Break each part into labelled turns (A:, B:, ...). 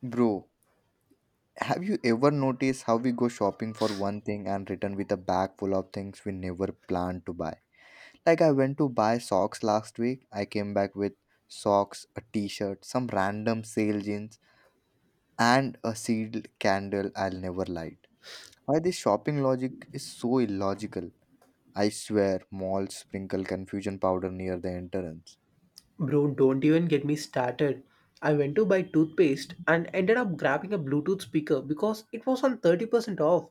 A: Bro, have you ever noticed how we go shopping for one thing and return with a bag full of things we never planned to buy? Like, I went to buy socks last week. I came back with socks, a t shirt, some random sale jeans, and a sealed candle I'll never light. Why this shopping logic is so illogical? I swear, malls sprinkle confusion powder near the entrance.
B: Bro, don't even get me started. I went to buy toothpaste and ended up grabbing a Bluetooth speaker because it was on 30% off.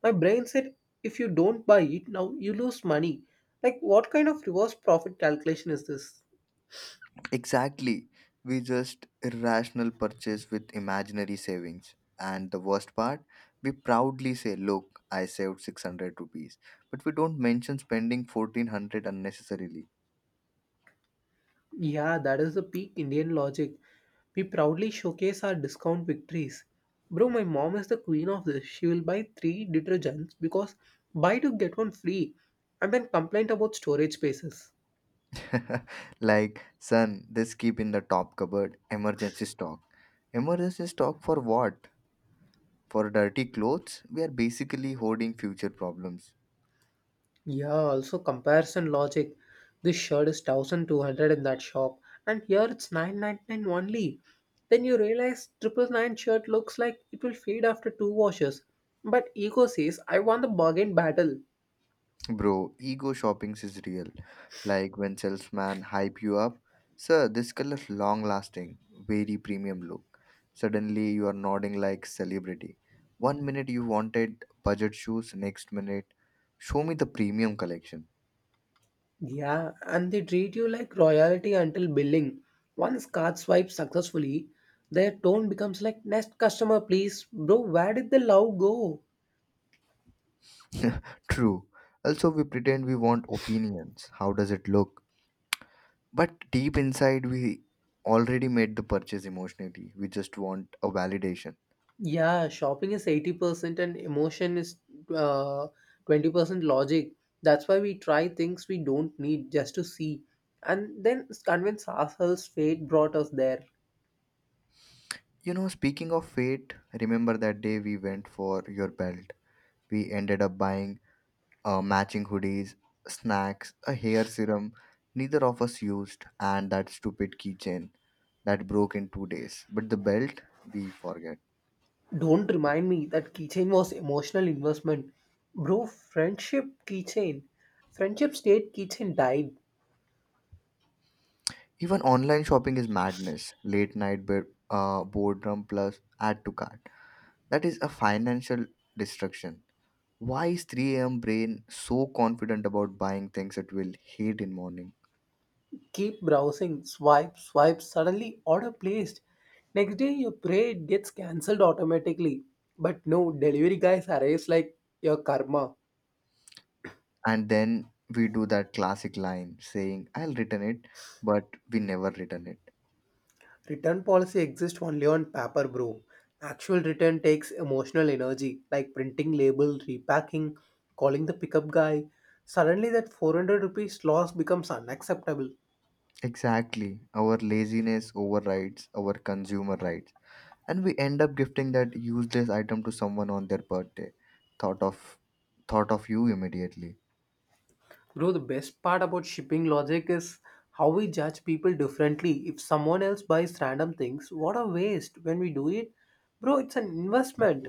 B: My brain said, if you don't buy it now, you lose money. Like, what kind of reverse profit calculation is this?
A: Exactly. We just irrational purchase with imaginary savings. And the worst part, we proudly say, look, I saved 600 rupees. But we don't mention spending 1400 unnecessarily.
B: Yeah, that is the peak Indian logic. We proudly showcase our discount victories. Bro, my mom is the queen of this. She will buy three detergents because buy to get one free and then complain about storage spaces.
A: Like, son, this keep in the top cupboard, emergency stock. Emergency stock for what? For dirty clothes? We are basically hoarding future problems.
B: Yeah, also comparison logic. This shirt is 1200 in that shop, and here it's 999 only. Then you realize 999 shirt looks like it will fade after two washes. But ego says, I want the bargain battle.
A: Bro, ego shopping is real. Like when salesman hype you up, sir, this color is long lasting, very premium look. Suddenly you are nodding like celebrity. One minute you wanted budget shoes, next minute, show me the premium collection.
B: Yeah, and they treat you like royalty until billing. Once card swiped successfully, their tone becomes like, next customer, please. Bro, where did the love go?
A: True. Also, we pretend we want opinions. How does it look? But deep inside, we already made the purchase emotionally. We just want a validation.
B: Yeah, shopping is 80% and emotion is uh, 20% logic. That's why we try things we don't need just to see and then convince ourselves fate brought us there.
A: You know, speaking of fate, remember that day we went for your belt? We ended up buying matching hoodies, snacks, a hair serum neither of us used, and that stupid keychain that broke in 2 days. But the belt, we forget.
B: Don't remind me, that keychain was emotional investment. Bro, friendship keychain. Friendship state keychain died.
A: Even online shopping is madness. Late night bed, boredom plus add to cart. That is a financial destruction. Why is 3 a.m. brain so confident about buying things it will hate in morning?
B: Keep browsing, swipe, swipe, suddenly order placed. Next day your prayer gets cancelled automatically. But no, delivery guys arrives like your karma.
A: And then we do that classic line saying I'll return it, but we never return it.
B: Return policy exists only on paper, bro. Actual return takes emotional energy, like printing label, repacking, calling the pickup guy. Suddenly, that 400 rupees loss becomes unacceptable.
A: Exactly, our laziness overrides our consumer rights, and we end up gifting that useless item to someone on their birthday. thought of Thought of you immediately.
B: Bro, the best part about shipping logic is how we judge people differently. If someone else buys random things, what a waste. When we do it, bro, it's an investment.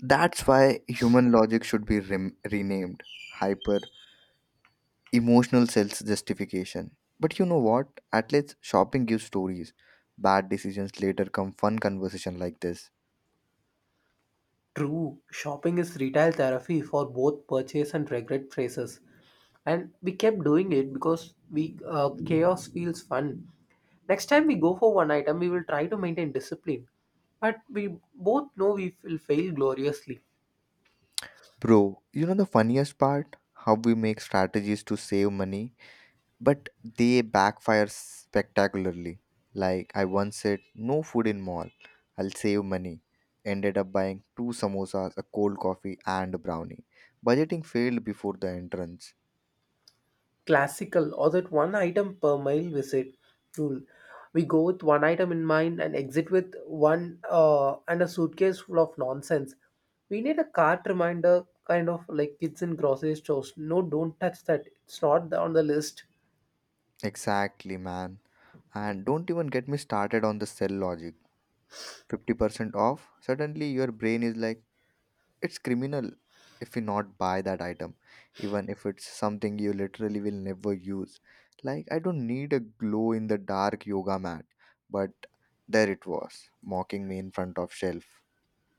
A: That's why human logic should be renamed hyper emotional self justification. But you know what, at least shopping gives stories. Bad decisions later come fun conversation like this.
B: True, shopping is retail therapy for both purchase and regret phrases. And we kept doing it because we chaos feels fun. Next time we go for one item, we will try to maintain discipline. But we both know we will fail gloriously.
A: Bro, you know the funniest part? How we make strategies to save money, but they backfire spectacularly. Like I once said, no food in mall. I'll save money. Ended up buying two samosas, a cold coffee, and a brownie. Budgeting failed before the entrance.
B: Classical, or that one item per mile visit rule. We go with one item in mind and exit with one and a suitcase full of nonsense. We need a cart reminder, kind of like kids in grocery stores. No, don't touch that. It's not on the list.
A: Exactly, man. And don't even get me started on the sell logic. 50% off, suddenly your brain is like, it's criminal if you not buy that item, even if it's something you literally will never use. Like, I don't need a glow in the dark yoga mat, but there it was, mocking me in front of shelf.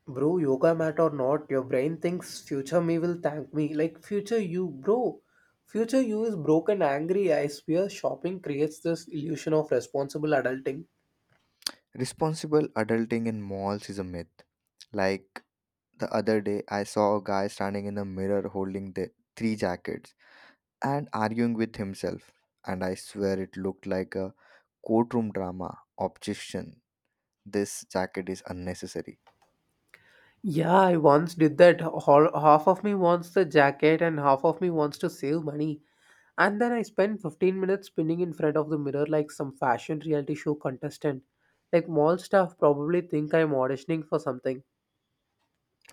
B: Bro, yoga mat or not, your brain thinks future me will thank me. Like future you, bro. Future you is broken, angry. I swear shopping creates this illusion of responsible adulting.
A: Responsible adulting in malls is a myth. Like the other day, I saw a guy standing in a mirror holding the three jackets and arguing with himself, and I swear it looked like a courtroom drama. Objection! This jacket is unnecessary.
B: Yeah, I once did that. Half of me wants the jacket and half of me wants to save money. And then I spent 15 minutes spinning in front of the mirror like some fashion reality show contestant. Like mall staff probably think I'm auditioning for something.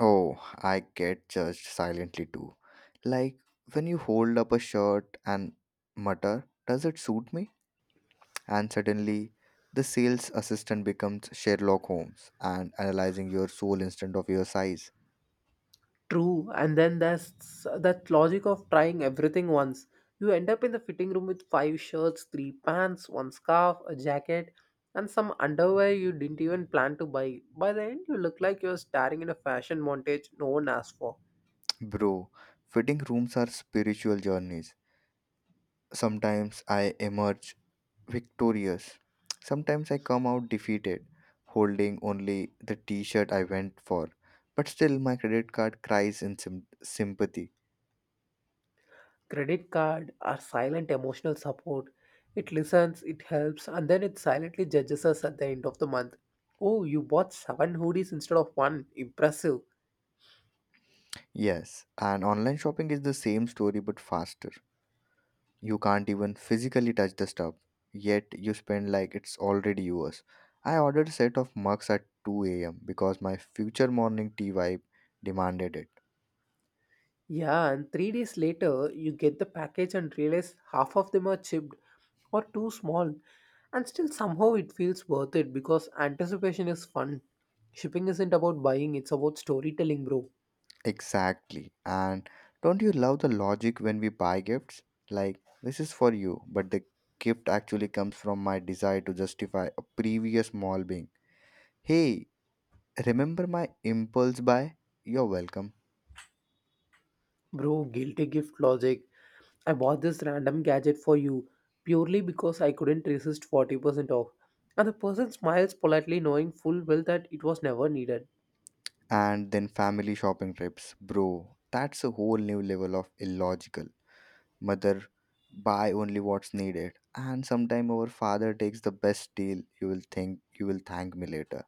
A: Oh, I get judged silently too. Like when you hold up a shirt and mutter, does it suit me? And suddenly, the sales assistant becomes Sherlock Holmes and analyzing your soul instead of your size.
B: True, and then there's that logic of trying everything once. You end up in the fitting room with five shirts, three pants, one scarf, a jacket, and some underwear you didn't even plan to buy. By the end, you look like you're staring in a fashion montage no one asked for.
A: Bro, fitting rooms are spiritual journeys. Sometimes I emerge victorious, sometimes I come out defeated, holding only the t shirt I went for. But still, my credit card cries in sympathy.
B: Credit card are silent emotional support. It listens, it helps, and then it silently judges us at the end of the month. Oh, you bought seven hoodies instead of one. Impressive.
A: Yes, and online shopping is the same story but faster. You can't even physically touch the stuff, yet you spend like it's already yours. I ordered a set of mugs at 2 a.m. because my future morning tea vibe demanded it.
B: Yeah, and 3 days later, you get the package and realize half of them are chipped or too small. And still, somehow, it feels worth it because anticipation is fun. Shipping isn't about buying, it's about storytelling, bro.
A: Exactly. And don't you love the logic when we buy gifts? Like, this is for you, but the gift actually comes from my desire to justify a previous small being. Hey, remember my impulse buy? You're welcome.
B: Bro, guilty gift logic. I bought this random gadget for you purely because I couldn't resist 40% off. And the person smiles politely, knowing full well that it was never needed.
A: And then family shopping trips. Bro, that's a whole new level of illogical. Mother, buy only what's needed. And sometime our father takes the best deal. You will think you will thank me later.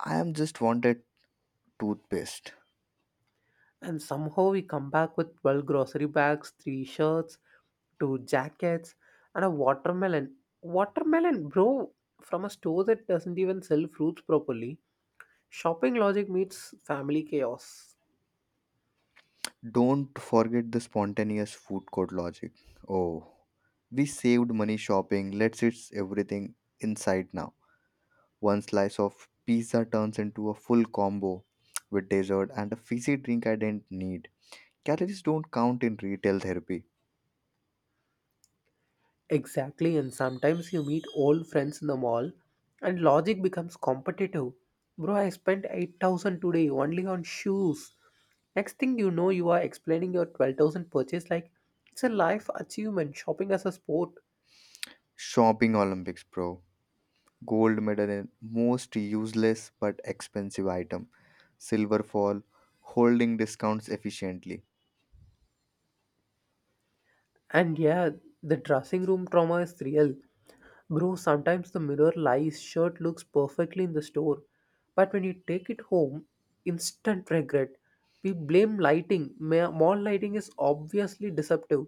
A: I am just wanted toothpaste.
B: And somehow we come back with 12 grocery bags, 3 shirts, 2 jackets, and a watermelon. Watermelon, bro, from a store that doesn't even sell fruits properly. Shopping logic meets family chaos.
A: Don't forget the spontaneous food court logic. Oh, we saved money shopping. Let's eat everything inside now. One slice of pizza turns into a full combo with dessert and a fizzy drink I didn't need. Calories don't count in retail therapy.
B: Exactly, and sometimes you meet old friends in the mall and logic becomes competitive. Bro, I spent 8,000 today only on shoes. Next thing you know, you are explaining your 12,000 purchase like it's a life achievement, shopping as a sport.
A: Shopping Olympics, bro. Gold medal in most useless but expensive item. Silver fall, holding discounts efficiently.
B: And yeah, the dressing room trauma is real. Bro, sometimes the mirror lies, shirt looks perfectly in the store. But when you take it home, instant regret. We blame lighting. Mall lighting is obviously deceptive.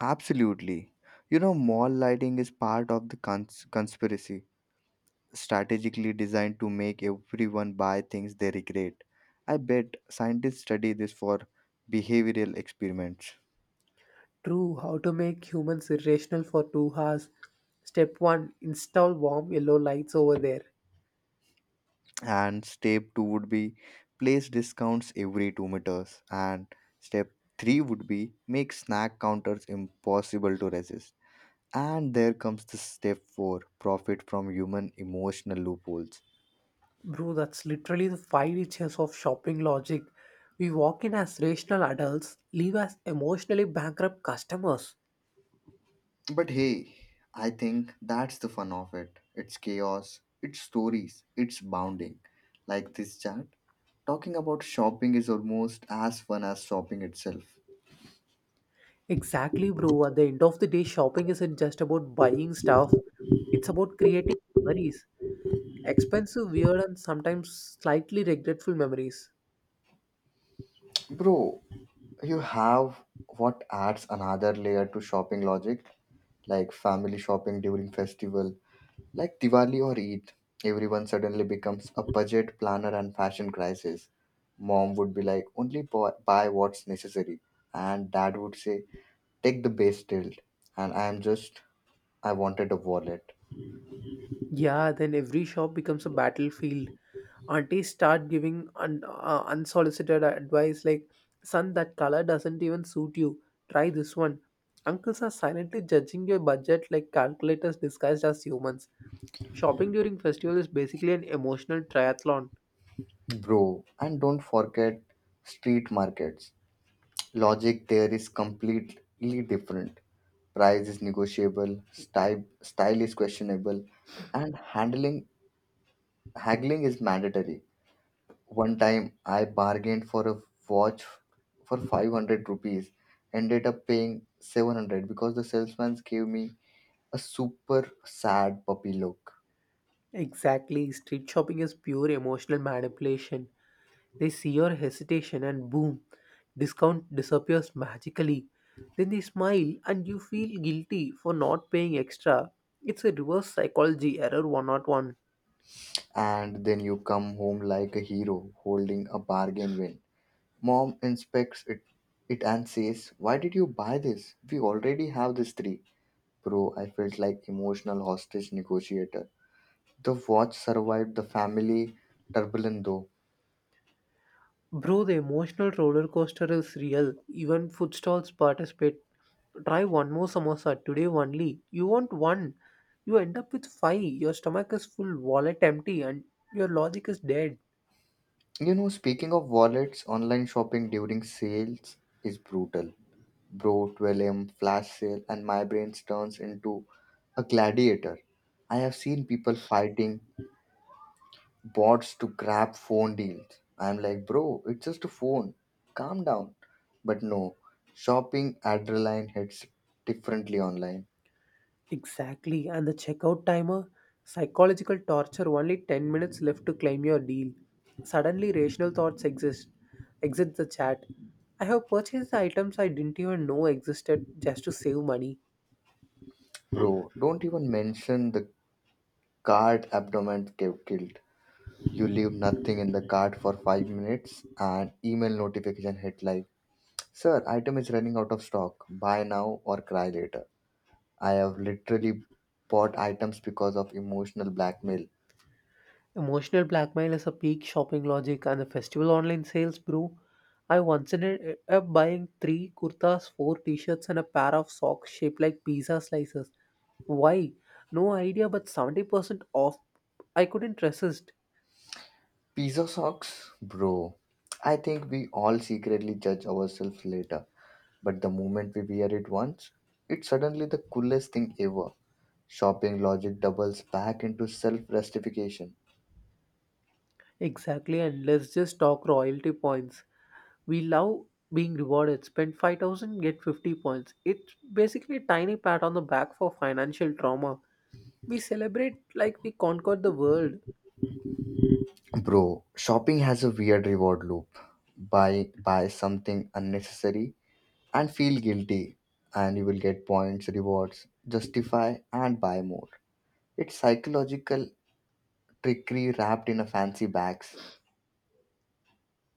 A: Absolutely. You know, mall lighting is part of the conspiracy, strategically designed to make everyone buy things they regret. I bet scientists study this for behavioral experiments.
B: True, how to make humans irrational for 2 hours. Step one, install warm yellow lights over there.
A: And step 2 would be place discounts every 2 meters, and step 3 would be make snack counters impossible to resist, and there comes the step 4, profit from human emotional loopholes.
B: Bro, that's literally the 5 inches of shopping logic. We walk in as rational adults, leave as emotionally bankrupt customers.
A: But hey, I think that's the fun of it. It's chaos, it's stories, it's bounding. Like this chat, talking about shopping is almost as fun as shopping itself.
B: Exactly, bro. At the end of the day, shopping isn't just about buying stuff, it's about creating memories. Expensive, weird, and sometimes slightly regretful memories.
A: Bro, you have, what adds another layer to shopping logic, like family shopping during festival, like Diwali or Eid. Everyone suddenly becomes a budget planner and fashion crisis. Mom would be like, only buy, buy what's necessary, and dad would say, take the base tilt. And I am just, I wanted a wallet,
B: Yeah, then every shop becomes a battlefield. Aunties start giving unsolicited advice like, son, that color doesn't even suit you. Try this one. Uncles are silently judging your budget like calculators disguised as humans. Shopping during festival is basically an emotional triathlon.
A: bro. And don't forget street markets. Logic there is completely different. Price is negotiable, style is questionable, and handling haggling is mandatory. One time I bargained for a watch for 500 rupees, ended up paying 700 because the salesman gave me a super sad puppy look.
B: Exactly, street shopping is pure emotional manipulation. They see your hesitation and boom, discount disappears magically. Then they smile and you feel guilty for not paying extra. It's a reverse psychology error 101.
A: And then you come home like a hero holding a bargain win. Mom inspects it, it and says, why did you buy this? We already have this three. Bro, I felt like emotional hostage negotiator. The watch survived the family turbulence though.
B: Bro, the emotional roller coaster is real. Even food stalls participate. Try one more samosa today only. You want one. You end up with five. Your stomach is full, wallet empty, and your logic is dead.
A: You know, speaking of wallets, online shopping during sales is brutal. Bro, 12M, flash sale, and my brain turns into a gladiator. I have seen people fighting bots to grab phone deals. I'm like, bro, it's just a phone. Calm down. But no, shopping adrenaline hits differently online.
B: Exactly, and the checkout timer? Psychological torture, only 10 minutes left to claim your deal. Suddenly, rational thoughts exist. Exit the chat. I have purchased the items I didn't even know existed just to save money.
A: Bro, don't even mention the cart abdomen get killed. You leave nothing in the cart for 5 minutes and email notification hit like, sir, item is running out of stock. Buy now or cry later. I have literally bought items because of emotional blackmail.
B: Emotional blackmail is a peak shopping logic, and the festival online sales, bro. I once ended up buying three kurtas, four t shirts, and a pair of socks shaped like pizza slices. Why? No idea, but 70% off. I couldn't resist.
A: Pizza socks? Bro, I think we all secretly judge ourselves later. But the moment we wear it once, it's suddenly the coolest thing ever. Shopping logic doubles back into self justification.
B: Exactly, and let's just talk royalty points. We love being rewarded. Spend 5,000, get 50 points. It's basically a tiny pat on the back for financial trauma. We celebrate like we conquered the world.
A: Bro, shopping has a weird reward loop. Buy something unnecessary and feel guilty, and you will get points rewards, justify and buy more. It's psychological trickery wrapped in a fancy bags.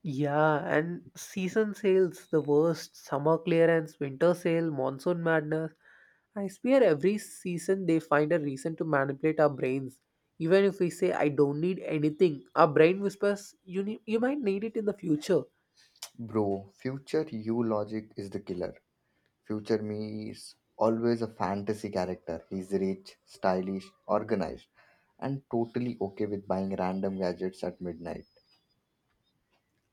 B: Yeah, and season sales, the worst, summer clearance, winter sale, monsoon madness. I swear every season they find a reason to manipulate our brains. Even if we say, I don't need anything, our brain whispers, you, need, you might need it in the future.
A: Bro, future you logic is the killer. Future me is always a fantasy character. He's rich, stylish, organized, and totally okay with buying random gadgets at midnight.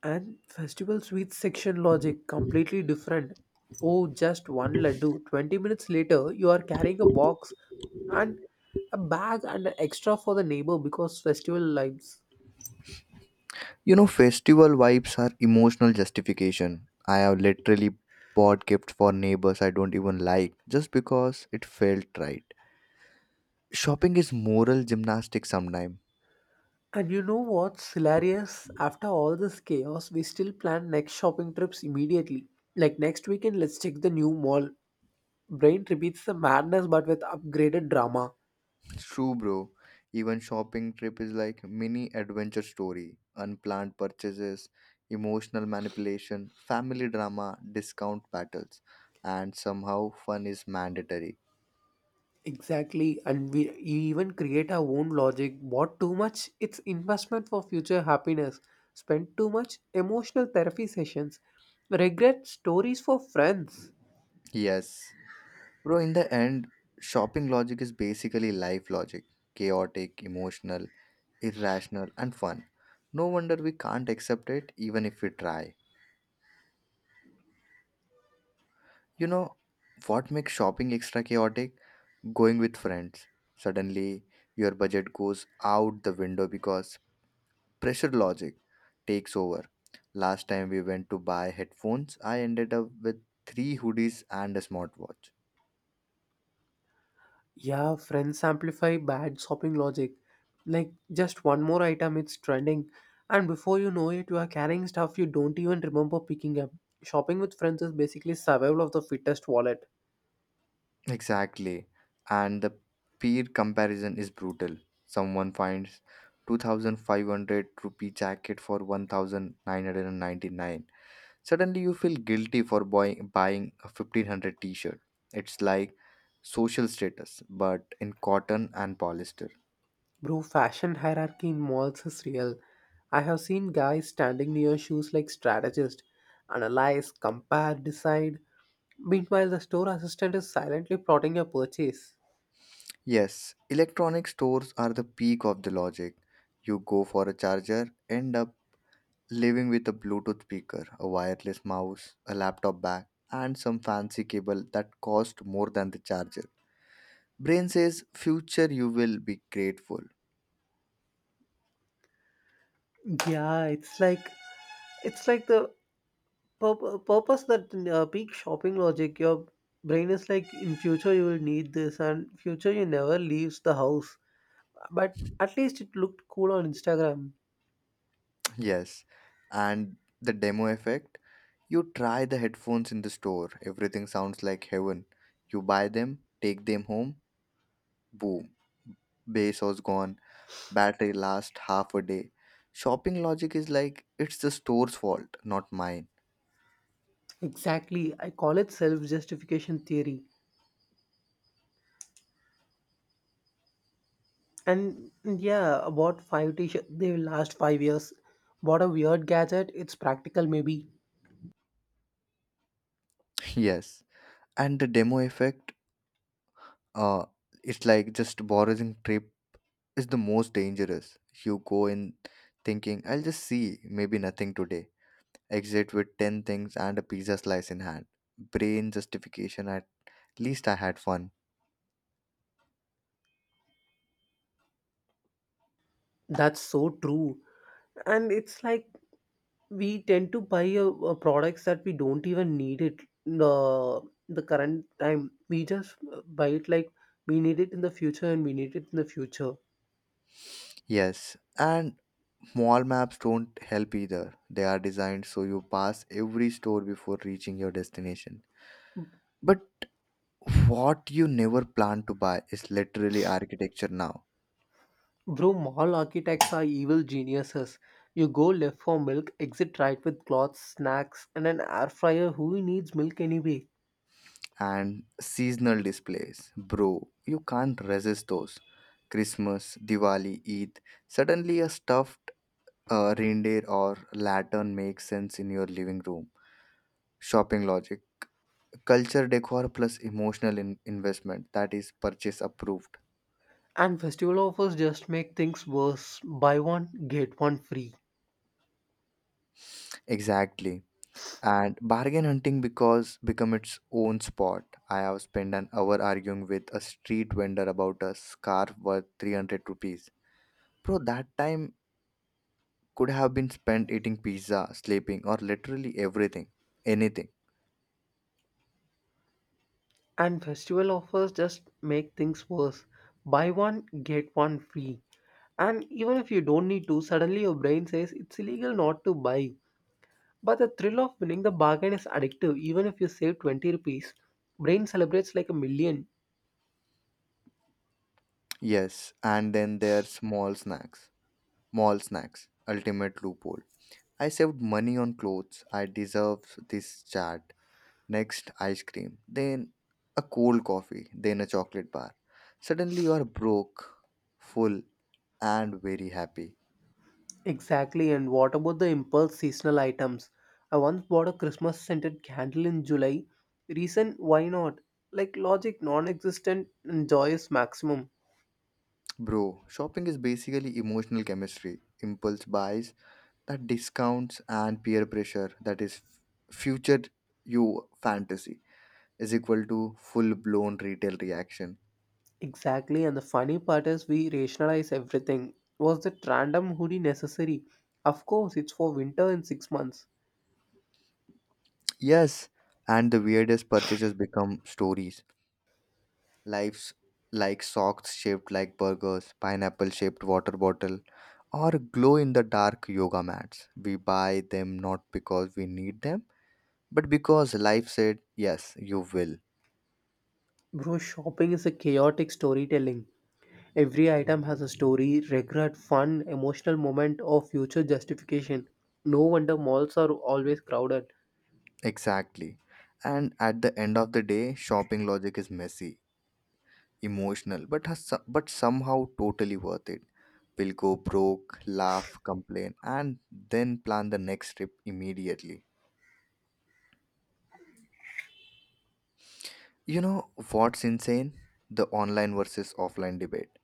B: And festival sweets section logic completely different. Oh, just one laddu. 20 minutes later, you are carrying a box and a bag and an extra for the neighbor because festival lives.
A: You know, festival vibes are emotional justification. I have literally bought gifts for neighbors I don't even like just because it felt right. Shopping is moral gymnastics sometimes.
B: And you know what's hilarious? After all this chaos, we still plan next shopping trips immediately. Like next weekend, let's check the new mall. Brain repeats the madness but with upgraded drama.
A: True, bro. Even shopping trip is like mini adventure story. Unplanned purchases, emotional manipulation, family drama, discount battles, and somehow fun is mandatory.
B: Exactly, and we even create our own logic. Bought too much, it's investment for future happiness. Spent too much, emotional therapy sessions. Regret stories for friends.
A: Yes. Bro, in the end, shopping logic is basically life logic. Chaotic, emotional, irrational, and fun. No wonder we can't accept it even if we try. You know what makes shopping extra chaotic? Going with friends. Suddenly, your budget goes out the window because pressure logic takes over. Last time we went to buy headphones, I ended up with three hoodies and a smartwatch.
B: Yeah, friends amplify bad shopping logic. Like, just one more item, it's trending. And before you know it, you are carrying stuff you don't even remember picking up. Shopping with friends is basically survival of the fittest wallet.
A: Exactly. And the peer comparison is brutal. Someone finds 2500 rupee jacket for 1999. Suddenly, you feel guilty for buying a 1500 t shirt. It's like social status, but in cotton and polyester.
B: Bro, fashion hierarchy in malls is real. I have seen guys standing near shoes like strategists, analyze, compare, decide. Meanwhile, the store assistant is silently plotting your purchase.
A: Yes, electronic stores are the peak of the logic. You go for a charger, end up living with a Bluetooth speaker, a wireless mouse, a laptop bag, and some fancy cable that cost more than the charger. Brain says, future, you will be grateful.
B: Yeah, it's like the purpose that peak shopping logic. Your brain is like, in future you will need this, and future you never leaves the house. But at least it looked cool on Instagram.
A: Yes, and the demo effect. You try the headphones in the store, everything sounds like heaven. You buy them, take them home, boom. Bass was gone, battery lasts half a day. Shopping logic is like it's the store's fault, not mine.
B: Exactly, I call it self justification theory. And yeah, bought five t-shirts. They will last 5 years. What a weird gadget. It's practical, maybe.
A: Yes, and the demo effect, uh, it's like just borrowing trip is the most dangerous. You go in thinking, I'll just see, maybe nothing today. Exit with 10 things and a pizza slice in hand. Brain justification, at least I had fun.
B: That's so true. And it's like we tend to buy products that we don't even need it. The current time we just buy it like we need it in the future and we need it in the future.
A: Yes, and mall maps don't help either. They are designed so you pass every store before reaching your destination. But what you never plan to buy is literally architecture now.
B: Bro, mall architects are evil geniuses. You go left for milk, exit right with clothes, snacks, and an air fryer. Who needs milk anyway?
A: And seasonal displays. Bro, you can't resist those. Christmas, Diwali, Eid. Suddenly, a stuffed reindeer or lantern makes sense in your living room. Shopping logic. Culture decor plus emotional investment that is purchase approved.
B: And festival offers just make things worse. Buy one, get one free.
A: Exactly. And bargain hunting because become its own sport. I have spent an hour arguing with a street vendor about a scarf worth 300 rupees. Bro, that time could have been spent eating pizza, sleeping, or literally everything. Anything.
B: And festival offers just make things worse. Buy one, get one free. And even if you don't need to, suddenly your brain says it's illegal not to buy. But the thrill of winning the bargain is addictive. Even if you save 20 rupees, brain celebrates like a million.
A: Yes, and then there are small snacks. Mall snacks. Ultimate loophole. I saved money on clothes. I deserve this chat. Next ice cream, then a cold coffee, then a chocolate bar. Suddenly you are broke, full, and very happy.
B: Exactly, and what about the impulse seasonal items? I once bought a Christmas scented candle in July. Reason, why not? Like logic non existent and joy is maximum.
A: Bro, shopping is basically emotional chemistry, impulse buys, that discounts and peer pressure that is future you fantasy is equal to full blown retail reaction.
B: Exactly, and the funny part is we rationalize everything. Was that random hoodie necessary? Of course, it's for winter in 6 months.
A: Yes, and the weirdest purchases become stories. Lives like socks shaped like burgers, pineapple shaped water bottle, or glow in the dark yoga mats. We buy them not because we need them, but because life said, yes, you will.
B: Bro, shopping is a chaotic storytelling. Every item has a story, regret, fun, emotional moment, or future justification. No wonder malls are always crowded.
A: Exactly. And at the end of the day, shopping logic is messy, emotional, but somehow totally worth it. We'll go broke, laugh, complain, and then plan the next trip immediately. You know what's insane? The online versus offline debate.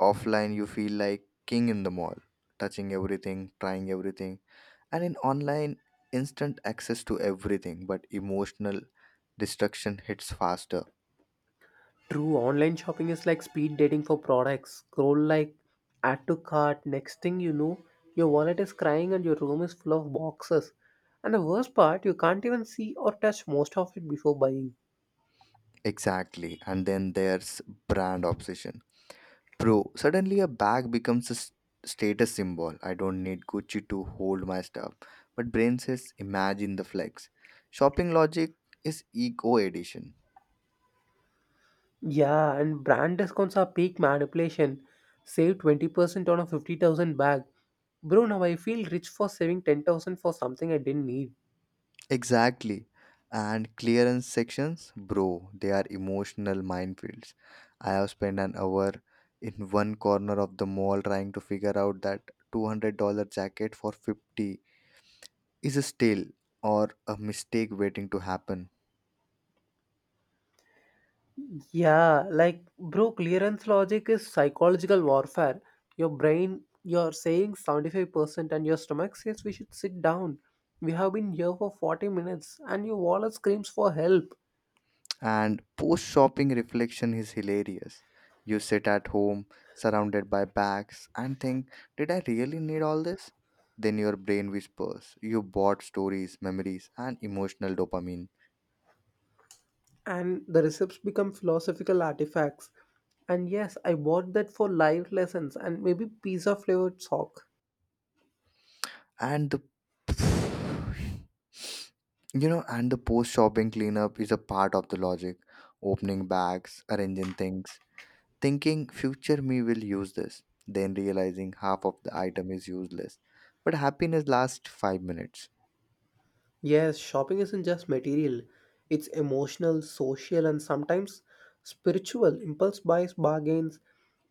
A: Offline you feel like king in the mall, touching everything, trying everything, and in online, instant access to everything, but emotional destruction hits faster.
B: True, online shopping is like speed dating for products. Scroll, like, add to cart. Next thing you know, your wallet is crying and your room is full of boxes. And the worst part, you can't even see or touch most of it before buying.
A: Exactly, and then there's brand obsession. Bro, suddenly a bag becomes a status symbol. I don't need Gucci to hold my stuff, but brain says imagine the flex. Shopping logic is eco edition.
B: Yeah, and brand discounts are peak manipulation. Save 20% on a 50,000 bag. Bro, now I feel rich for saving 10,000 for something I didn't need.
A: Exactly. And clearance sections, bro, they are emotional minefields. I have spent an hour in one corner of the mall trying to figure out that $200 jacket for 50 is a steal or a mistake waiting to happen.
B: Yeah, like bro, clearance logic is psychological warfare. Your brain, you're saying 75%, and your stomach says we should sit down. We have been here for 40 minutes, and your wallet screams for help.
A: And post shopping reflection is hilarious. You sit at home surrounded by bags and think, did I really need all this? Then your brain whispers, you bought stories, memories, and emotional dopamine.
B: And the receipts become philosophical artifacts. And yes, I bought that for life lessons and maybe pizza flavored sock.
A: And the and the post shopping cleanup is a part of the logic. Opening bags, arranging things, thinking future me will use this, then realizing half of the item is useless, but happiness lasts 5 minutes.
B: Yes, shopping isn't just material, it's emotional, social, and sometimes spiritual. Impulse buys, bargains,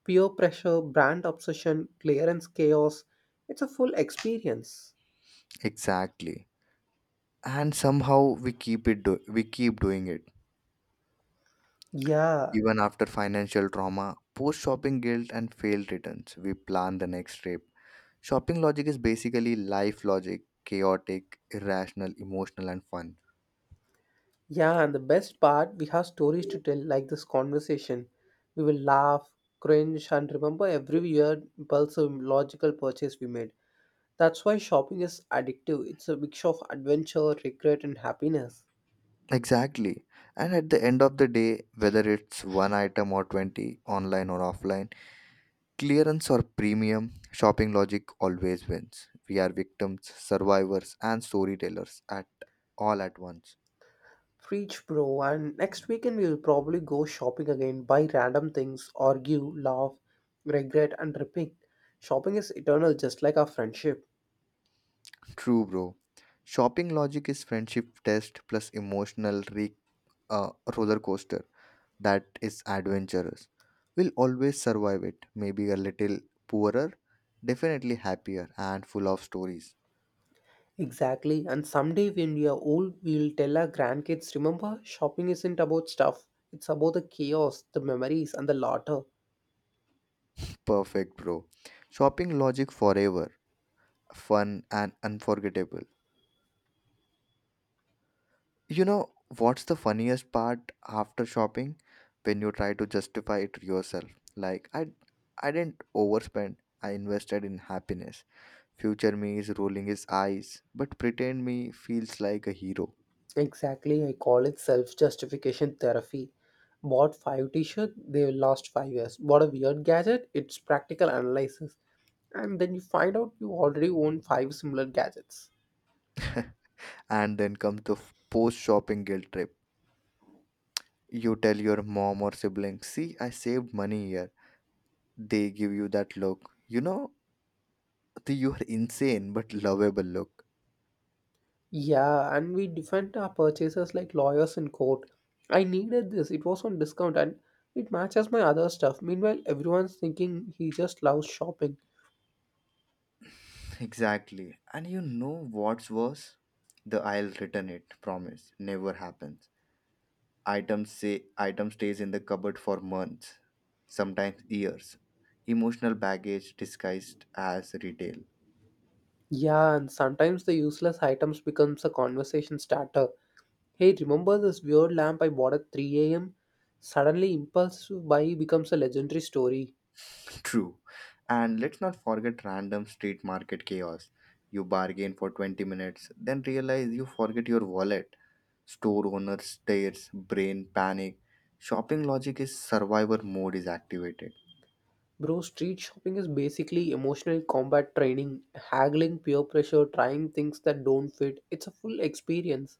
B: peer pressure, brand obsession, clearance chaos. It's a full experience.
A: Exactly, and somehow we keep doing it
B: Yeah,
A: even after financial trauma, post shopping guilt, and failed returns, we plan the next trip. Shopping logic is basically life logic, chaotic, irrational, emotional, and fun.
B: yeah, and the best part, we have stories to tell like this conversation. We will laugh, cringe, and remember every weird, impulsive, logical purchase we made. That's why shopping is addictive. It's a mix of adventure, regret, and happiness.
A: Exactly. And at the end of the day, whether it's one item or 20, online or offline, clearance or premium, shopping logic always wins. We are victims, survivors, and storytellers at all at once.
B: Preach, bro. And next weekend, we'll probably go shopping again, buy random things, argue, laugh, regret, and repeat. Shopping is eternal, just like our friendship.
A: True, bro. Shopping logic is friendship test plus emotional uh, roller coaster. That is adventurous. Will always survive it, maybe a little poorer, definitely happier and full of stories.
B: Exactly. And someday, when we are old, we'll tell our grandkids, remember, shopping isn't about stuff, it's about the chaos, the memories, and the laughter.
A: Perfect, bro. Shopping logic forever, fun and unforgettable. You know what's the funniest part after shopping? When you try to justify it yourself. Like I didn't overspend. I invested in happiness. Future me is rolling his eyes, but pretend me feels like a hero.
B: Exactly, I call it self justification therapy. Bought five t shirts, they last 5 years. Bought a weird gadget, it's practical analysis. And then you find out you already own five similar gadgets.
A: And then comes the post shopping guilt trip. You tell your mom or sibling, see, I saved money here. They give you that look. You know, the you're insane but lovable look.
B: Yeah, and we defend our purchases like lawyers in court. I needed this, it was on discount, and it matches my other stuff. Meanwhile, everyone's thinking he just loves shopping.
A: Exactly. And you know what's worse? The I'll return it promise never happens. Items say item stays in the cupboard for months, sometimes years. Emotional baggage disguised as retail.
B: Yeah, and sometimes the useless items becomes a conversation starter. Hey, remember this weird lamp I bought at 3 a.m.? Suddenly, impulsive buy becomes a legendary story.
A: True. And let's not forget random street market chaos. You bargain for 20 minutes, then realize you forget your wallet. Store owner stares, brain panic. Shopping logic is survivor mode is activated.
B: Bro, street shopping is basically emotional combat training, haggling peer pressure, trying things that don't fit. It's a full experience.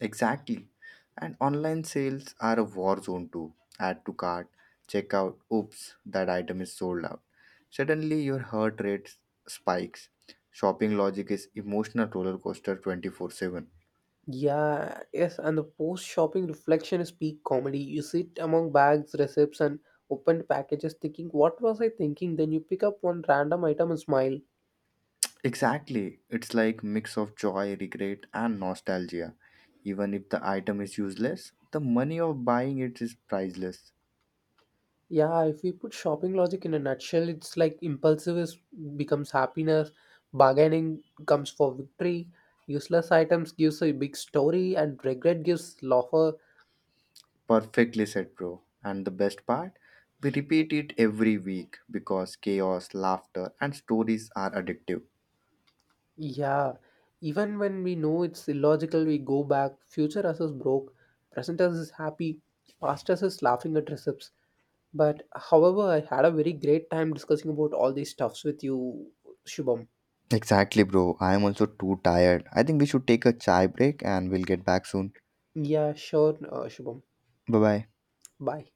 A: Exactly. And online sales are a war zone too. Add to cart, check out, oops, that item is sold out. Suddenly your heart rate spikes. Shopping logic is emotional roller coaster 24/7.
B: Yeah, yes, and the post shopping reflection is peak comedy. You sit among bags, receipts, and opened packages thinking, what was I thinking? Then you pick up one random item and smile.
A: Exactly. It's like mix of joy, regret and nostalgia. Even if the item is useless, the money of buying it is priceless.
B: Yeah, if we put shopping logic in a nutshell, it's like impulsive is, becomes happiness, bargaining comes for victory, useless items gives a big story, and regret gives laughter.
A: Perfectly said, bro. And the best part, we repeat it every week because chaos, laughter and stories are addictive.
B: Yeah, even when we know it's illogical, we go back. Future us is broke, present us is happy, past us is laughing at recepts. But however, I had a very great time discussing about all these stuffs with you, Shubham.
A: Exactly, bro. I am also too tired. I think we should take a chai break and we'll get back soon.
B: Yeah, sure, Shubham.
A: Bye bye.
B: Bye.